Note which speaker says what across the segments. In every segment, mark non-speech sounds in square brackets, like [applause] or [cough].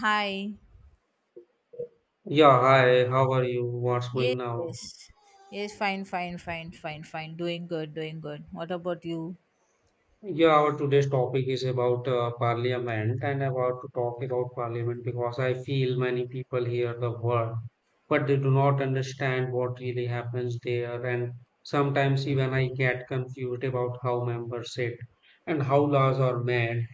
Speaker 1: Hi.
Speaker 2: Yeah, hi, how are you? What's going
Speaker 1: Yes.
Speaker 2: now?
Speaker 1: Yes, Yes, fine, fine, fine, fine, fine. Doing good, doing good. What about you?
Speaker 2: Yeah, our today's topic is about parliament, and about to talk about parliament because I feel many people hear the word, but they do not understand what really happens there. And sometimes even I get confused about how members sit and how laws are made.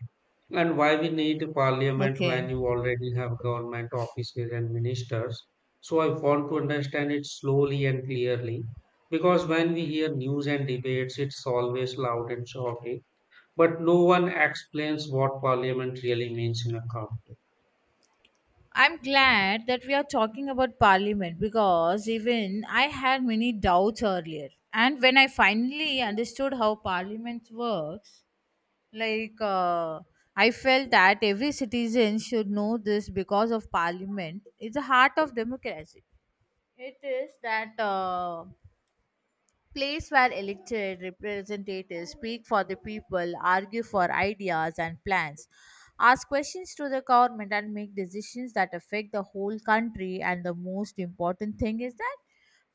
Speaker 2: And why we need a parliament when
Speaker 1: Okay.
Speaker 2: you already have government offices and ministers? So I want to understand it slowly and clearly because when we hear news and debates, it's always loud and shouty, but no one explains what parliament really means in a country.
Speaker 1: I'm glad that we are talking about parliament because even I had many doubts earlier. And when I finally understood how parliament works, like uh, I felt that every citizen should know this because of parliament. It's the heart of democracy. It is that place where elected representatives speak for the people, argue for ideas and plans, ask questions to the government, and make decisions that affect the whole country. And the most important thing is that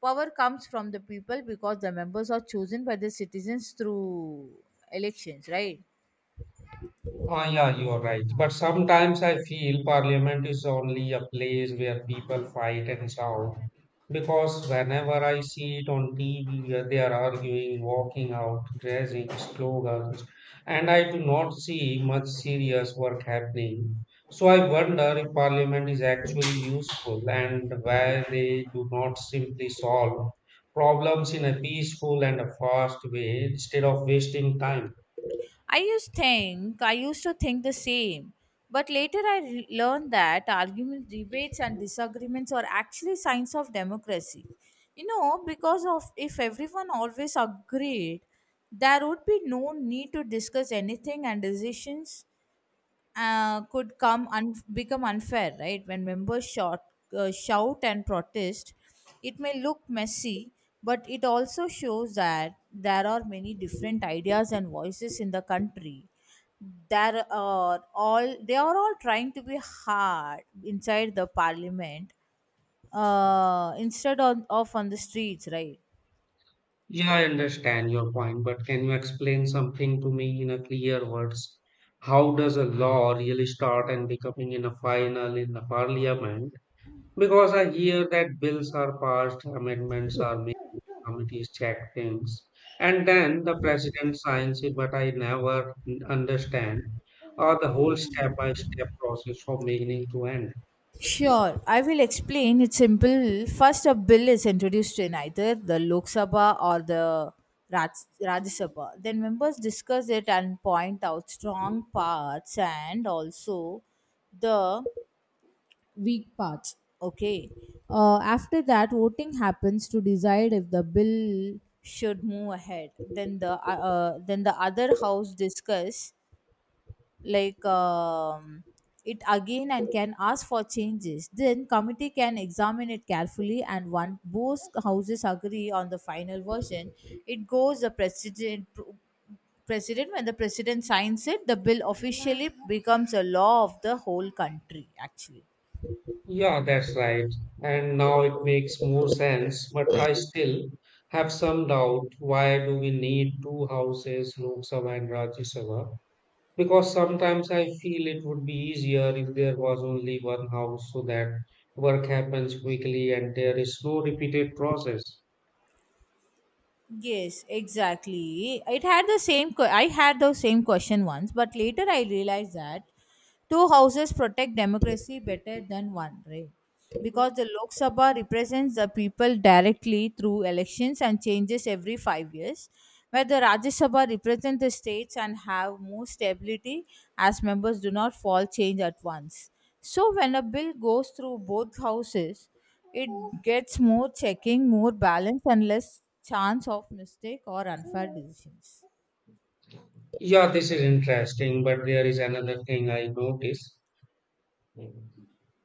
Speaker 1: power comes from the people because the members are chosen by the citizens through elections, right?
Speaker 2: Ah, yeah, you are right. But sometimes I feel parliament is only a place where people fight and shout. Because whenever I see it on TV, where they are arguing, walking out, raising slogans, and I do not see much serious work happening. So I wonder if parliament is actually useful and why they do not simply solve problems in a peaceful and a fast way instead of wasting time.
Speaker 1: I used to think the same, but later I learned that arguments, debates, and disagreements are actually signs of democracy. You know, because of if everyone always agreed, there would be no need to discuss anything, and decisions could become unfair, right? When members shout and protest, it may look messy, but it also shows that there are many different ideas and voices in the country. There are all they are all trying to be hard inside the parliament, instead of on the streets, right?
Speaker 2: Yeah, I understand your point, but can you explain something to me in a clear words? How does a law really start and becoming in a final in the parliament? Because I hear that bills are passed, amendments are made, committees check things, and then the president signs it, but I never understand the whole step by step process from beginning to end.
Speaker 1: Sure, I will explain. It's simple. First, a bill is introduced in either the Lok Sabha or the Rajya Sabha. Then, members discuss it and point out strong parts and also the weak parts. Okay. After that, voting happens to decide if the bill should move ahead. Then the other house discuss like um, it again and can ask for changes. Then committee can examine it carefully, and once both houses agree on the final version, it goes the president. When the president signs it, the bill officially becomes a law of the whole country actually.
Speaker 2: Yeah, that's right. And now it makes more sense, but I still have some doubt why do we need two houses, Lok Sabha and Rajya Sabha? Because sometimes I feel it would be easier if there was only one house so that work happens quickly and there is no repeated process.
Speaker 1: Yes, exactly. It had the same. Que- I had the same question once, but later I realized that two houses protect democracy better than one, right? Because the Lok Sabha represents the people directly through elections and changes every 5 years, where the Rajya Sabha represent the states and have more stability as members do not fall change at once. So when a bill goes through both houses, it gets more checking, more balance, and less chance of mistake or unfair decisions.
Speaker 2: Yeah, this is interesting, but there is another thing I notice.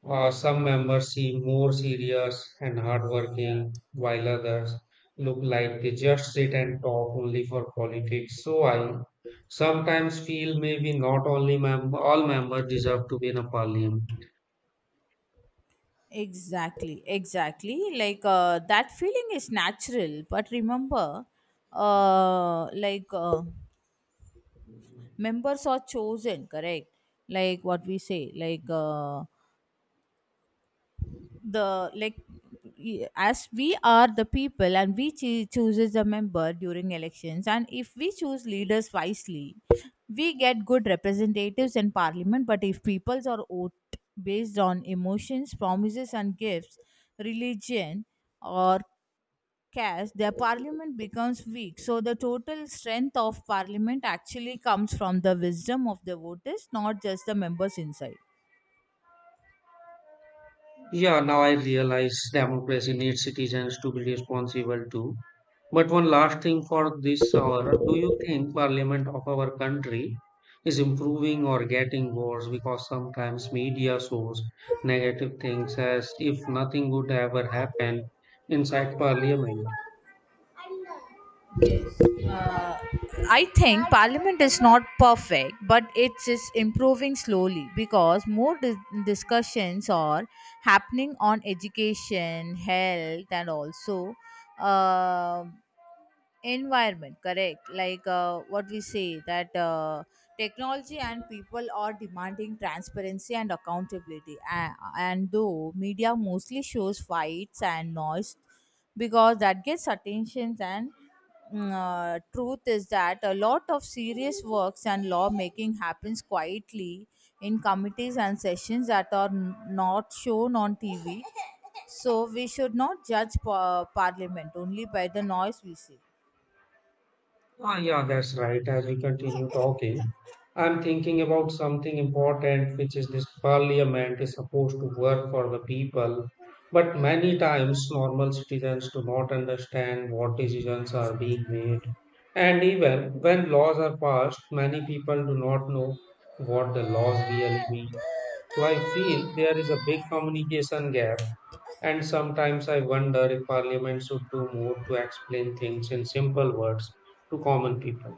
Speaker 2: Some members seem more serious and hardworking, while others look like they just sit and talk only for politics. So I sometimes feel maybe not only all members deserve to be in a parliament.
Speaker 1: Exactly, exactly. That feeling is natural, but remember, uh, like uh, members are chosen, correct? Like what we say, the like as we are the people and we chooses the member during elections, and if we choose leaders wisely, we get good representatives in parliament. But if peoples are vote based on emotions, promises, and gifts, religion or cash, their parliament becomes weak. So the total strength of parliament actually comes from the wisdom of the voters, not just the members inside.
Speaker 2: Yeah, now I realize democracy needs citizens to be responsible too. But one last thing for this hour, do you think parliament of our country is improving or getting worse? Because sometimes media shows negative things as if nothing would ever happen inside parliament.
Speaker 1: Uh, I think parliament is not perfect, but it is improving slowly because more discussions are happening on education, health, and also um environment, correct? What we say that technology and people are demanding transparency and accountability, and though media mostly shows fights and noise because that gets attention, and truth is that a lot of serious works and lawmaking happens quietly in committees and sessions that are not shown on TV. So we should not judge parliament only by the noise we see.
Speaker 2: Ah, yeah, that's right. As we continue talking, I'm thinking about something important, which is this parliament is supposed to work for the people. But many times, normal citizens do not understand what decisions are being made. And even when laws are passed, many people do not know what the laws really mean. So I feel there is a big communication gap, and sometimes I wonder if Parliament should do more to explain things in simple words to common people.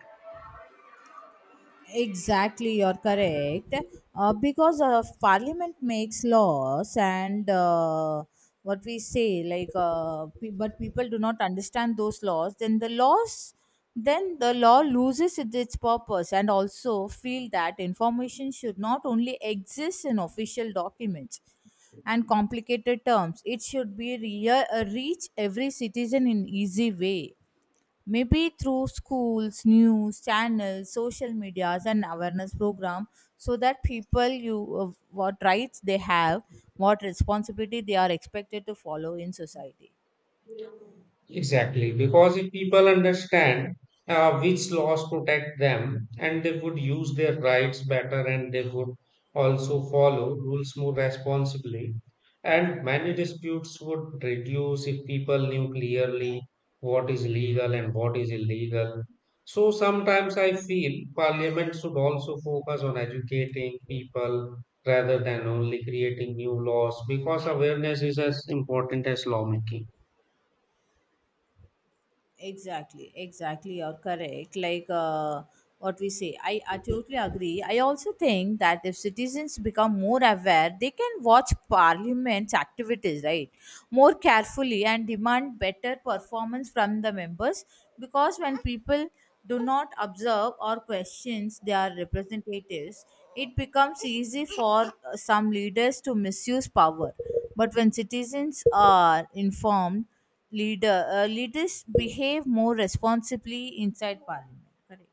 Speaker 1: Exactly, you're correct. Because parliament makes laws, and what we say, like, but people do not understand those laws, then the law loses its purpose, and also feel that information should not only exist in official documents and complicated terms; it should be reach every citizen in easy way, maybe through schools, news channels, social medias, and awareness program, so that people you what rights they have, what responsibility they are expected to follow in society.
Speaker 2: Exactly, because if people understand which laws protect them, and they would use their rights better, and they would also follow rules more responsibly, and many disputes would reduce if people knew clearly what is legal and what is illegal. So sometimes I feel parliament should also focus on educating people rather than only creating new laws because awareness is as important as lawmaking.
Speaker 1: Exactly, exactly, you're correct. What we say, I totally agree. I also think that if citizens become more aware, they can watch parliament's activities, right? More carefully, and demand better performance from the members, because when people do not observe or questions their representatives, it becomes easy for some leaders to misuse power. But when citizens are informed, leaders behave more responsibly inside parliament, correct?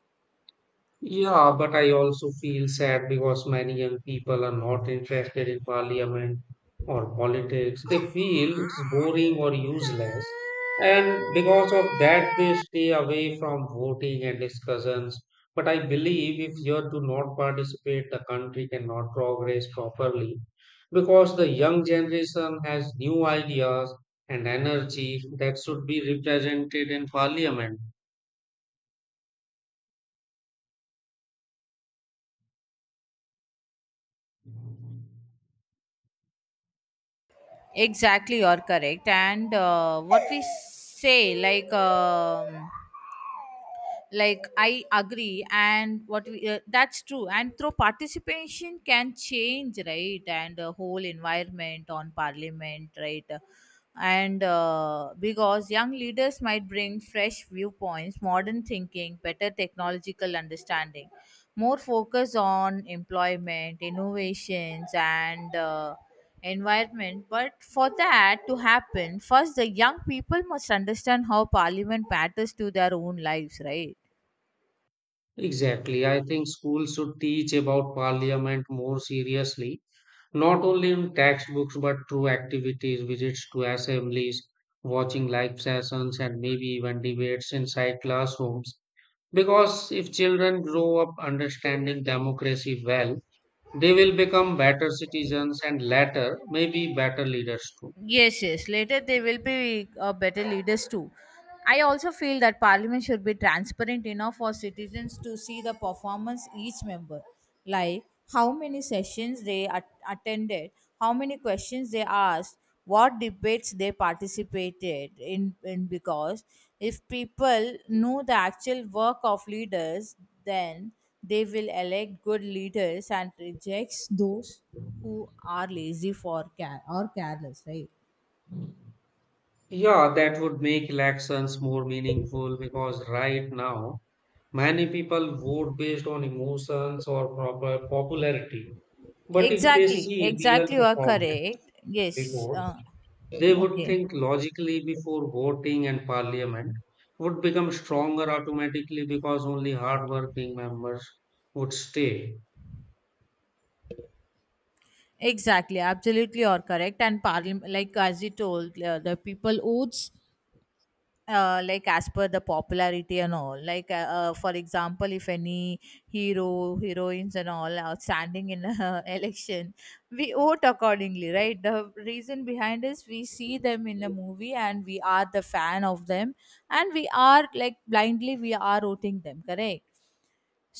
Speaker 2: Yeah, but I also feel sad because many young people are not interested in parliament or politics. They feel it's boring or useless. And because of that, they stay away from voting and discussions. But I believe if you do not participate, the country cannot progress properly because the young generation has new ideas and energy that should be represented in parliament.
Speaker 1: Exactly, you're correct. And what we say, like, um, like I agree, and what we that's true, and through participation can change, right? And the whole environment on parliament, right? And because young leaders might bring fresh viewpoints, modern thinking, better technological understanding, more focus on employment, innovations, and environment. But for that to happen, first the young people must understand how parliament matters to their own lives, right?
Speaker 2: Exactly. I think schools should teach about parliament more seriously, not only in textbooks but through activities, visits to assemblies, watching live sessions, and maybe even debates inside classrooms. Because if children grow up understanding democracy well, they will become better citizens and later, maybe better leaders too.
Speaker 1: Yes, yes. Later they will be better leaders too. I also feel that parliament should be transparent enough for citizens to see the performance each member, like how many sessions they attended, how many questions they asked, what debates they participated in. Because if people know the actual work of leaders, then they will elect good leaders and rejects those who are lazy for care or careless, right?
Speaker 2: Yeah, that would make elections more meaningful because right now, many people vote based on emotions or proper popularity. But if they
Speaker 1: Exactly,
Speaker 2: see real
Speaker 1: exactly, you are
Speaker 2: performance
Speaker 1: correct. Yes,
Speaker 2: reports, they would
Speaker 1: okay.
Speaker 2: think logically before voting, and parliament would become stronger automatically because only hardworking members would stay.
Speaker 1: Exactly, absolutely, or correct. And parliament, like as you told, the people votes like as per the popularity and all, for example, if any hero heroines and all are standing in a [laughs] election, we vote accordingly, right? The reason behind is we see them in a movie and we are the fan of them, and we are like blindly we are voting them, correct?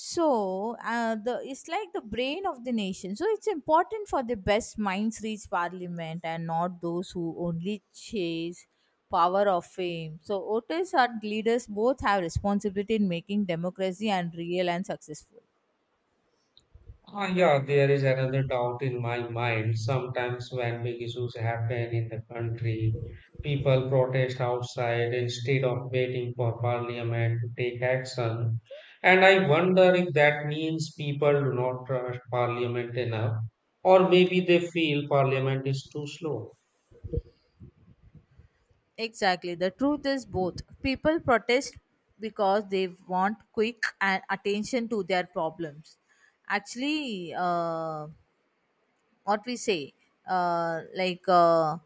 Speaker 1: So the it's like the brain of the nation. So it's important for the best minds reach parliament, and not those who only chase power or fame. So voters and leaders both have responsibility in making democracy and real and successful.
Speaker 2: Ah, yeah, there is another doubt in my mind. Sometimes when big issues happen in the country, people protest outside instead of waiting for parliament to take action. And I wonder if that means people do not trust parliament enough, or maybe they feel parliament is too slow.
Speaker 1: Exactly. The truth is both. People protest because they want quick and attention to their problems. Actually, what we say, uh, like uh,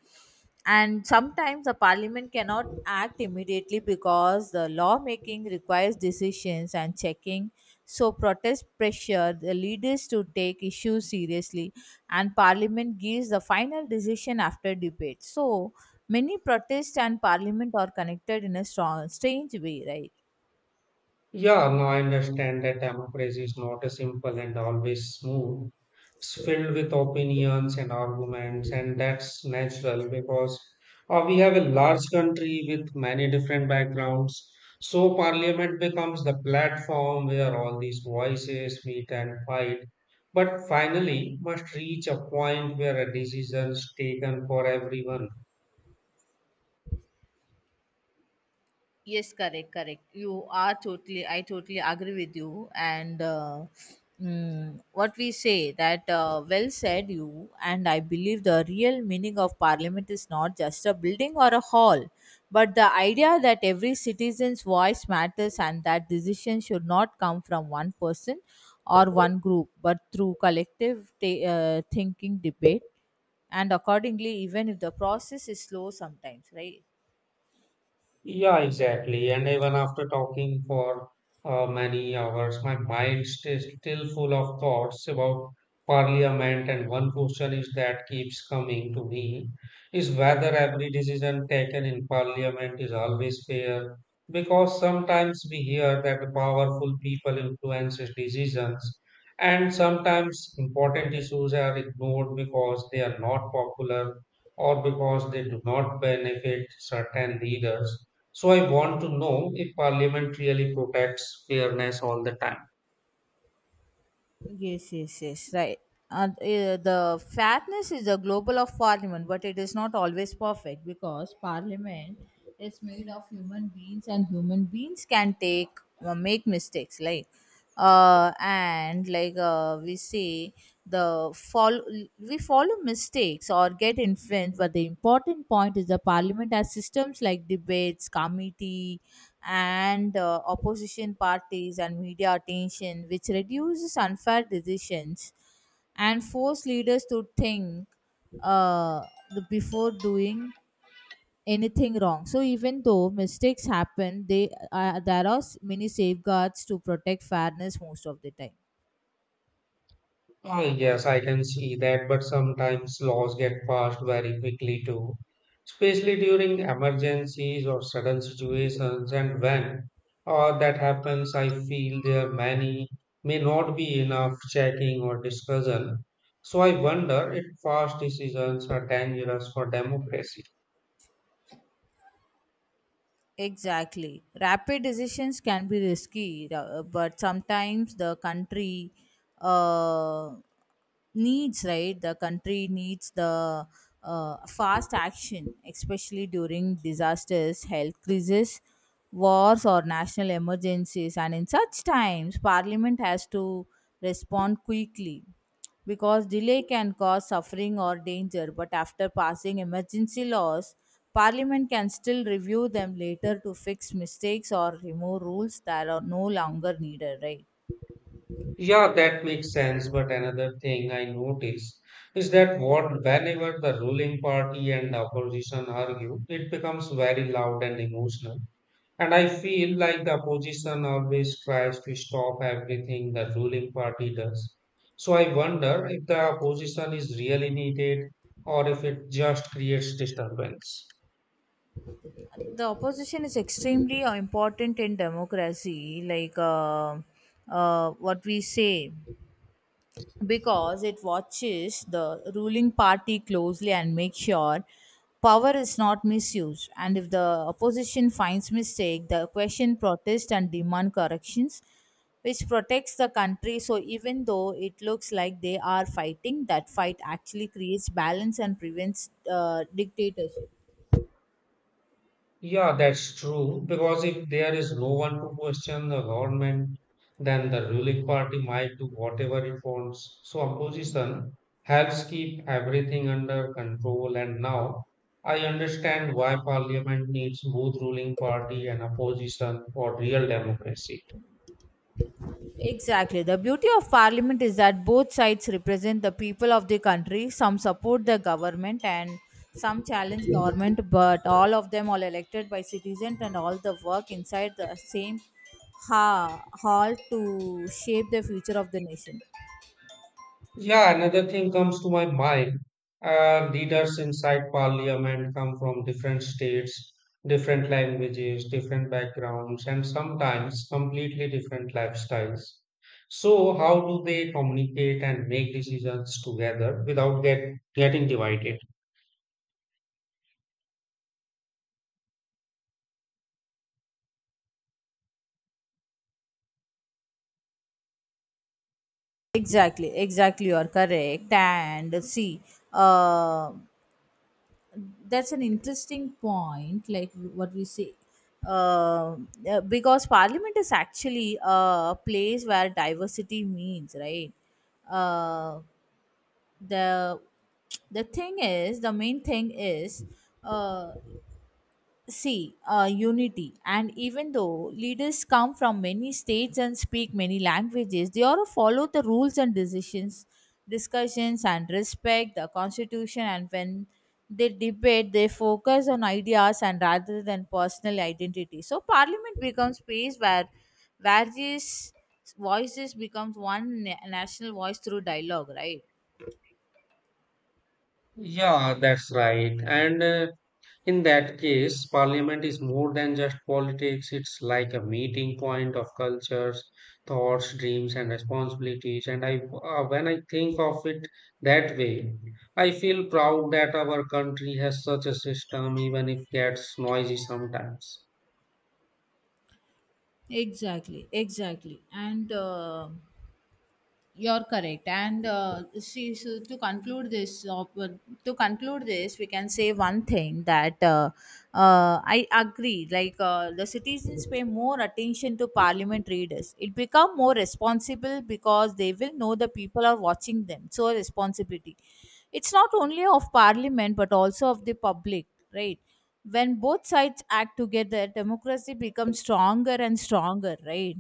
Speaker 1: and sometimes the parliament cannot act immediately because the lawmaking requires decisions and checking, so protest pressure the leaders to take issues seriously, and parliament gives the final decision after debate. So many protest and parliament are connected in a strong strange way, right?
Speaker 2: Yeah, now I understand that democracy is not a simple and always smooth. It's filled with opinions and arguments, and that's natural because we have a large country with many different backgrounds. So, parliament becomes the platform where all these voices meet and fight, but finally must reach a point where a decision is taken for everyone.
Speaker 1: Yes, correct, correct. I totally agree with you. And what we say that, well said you, and I believe the real meaning of parliament is not just a building or a hall, but the idea that every citizen's voice matters, and that decisions should not come from one person or one group, but through collective thinking, debate, and accordingly, even if the process is slow sometimes, right?
Speaker 2: Yeah, exactly. And even after talking for many hours, my mind stays still full of thoughts about parliament. And one question is that keeps coming to me is whether every decision taken in parliament is always fair. Because sometimes we hear that the powerful people influence decisions, and sometimes important issues are ignored because they are not popular or because they do not benefit certain leaders. So I want to know if Parliament really protects fairness all the time.
Speaker 1: Yes, yes, yes, right. And the fatness is the global of parliament, but it is not always perfect because parliament is made of human beings, and human beings can take make mistakes, like and we say, the follow we follow mistakes or get influenced. But the important point is the parliament has systems like debates committee and opposition parties and media attention, which reduces unfair decisions and force leaders to think, uh, before doing anything wrong. So even though mistakes happen, they there are many safeguards to protect fairness most of the time.
Speaker 2: Ah, yes, I can see that, but sometimes laws get passed very quickly too, especially during emergencies or sudden situations. And when that happens, I feel there many may not be enough checking or discussion. So I wonder if fast decisions are dangerous for democracy.
Speaker 1: Exactly. Rapid decisions can be risky, but sometimes the country uh, needs, right? The country needs the fast action, especially during disasters, health crises, wars, or national emergencies. And in such times, Parliament has to respond quickly because delay can cause suffering or danger, but after passing emergency laws, Parliament can still review them later to fix mistakes or remove rules that are no longer needed, right?
Speaker 2: Yeah, that makes sense. But another thing I notice is that what whenever the ruling party and the opposition argue, it becomes very loud and emotional. And I feel like the opposition always tries to stop everything the ruling party does. So I wonder if the opposition is really needed or if it just creates disturbance.
Speaker 1: The opposition is extremely important in democracy, what we say. Because it watches the ruling party closely and makes sure power is not misused, and if the opposition finds mistake, the question protest and demand corrections, which protects the country. So even though it looks like they are fighting, that fight actually creates balance and prevents dictatorship.
Speaker 2: Yeah, that's true. Because if there is no one to question the government, then the ruling party might do whatever it wants. So opposition helps keep everything under control. And now I understand why parliament needs both ruling party and opposition for real democracy.
Speaker 1: Exactly. The beauty of parliament is that both sides represent the people of the country. Some support the government and some challenge government, but all of them are elected by citizens and all the work inside the same hall to shape the future of the nation.
Speaker 2: Yeah, another thing comes to my mind. Leaders inside parliament come from different states, different languages, different backgrounds, and sometimes completely different lifestyles. So, how do they communicate and make decisions together without getting divided?
Speaker 1: Exactly, exactly, you are correct. And see, uh, that's an interesting point, like what we say, uh, because parliament is actually a place where diversity means, right? Uh, the the thing is the main thing is uh, see, unity. And even though leaders come from many states and speak many languages, they all follow the rules and decisions, discussions, and respect the constitution. And when they debate, they focus on ideas and rather than personal identity. So, parliament becomes space where various voices becomes one national voice through dialogue, right?
Speaker 2: Yeah, that's right. And in that case, parliament is more than just politics, it's like a meeting point of cultures, thoughts, dreams, and responsibilities. And when I think of it that way, I feel proud that our country has such a system, even if it gets noisy sometimes.
Speaker 1: Exactly, exactly. And you're correct. And see, so to conclude this, we can say one thing that I agree. The citizens pay more attention to parliament readers. It become more responsible because they will know the people are watching them. So a responsibility. It's not only of parliament but also of the public, right? When both sides act together, democracy becomes stronger and stronger, right?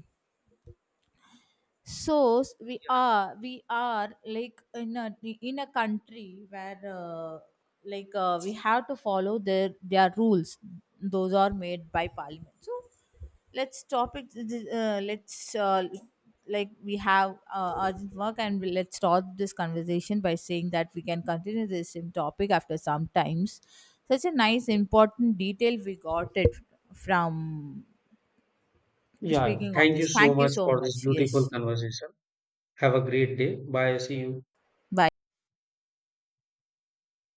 Speaker 1: So we are like in a country where we have to follow their rules, those are made by parliament. So let's stop it. Let's, like we have urgent work, and let's stop this conversation by saying that we can continue this same topic after some times. Such a nice important detail we got it from
Speaker 2: Yeah,
Speaker 1: speaking on
Speaker 2: thank you
Speaker 1: this.
Speaker 2: so
Speaker 1: Thank you
Speaker 2: much
Speaker 1: so
Speaker 2: for this
Speaker 1: much.
Speaker 2: beautiful
Speaker 1: Yes.
Speaker 2: conversation. Have a great day. Bye. See you.
Speaker 1: Bye.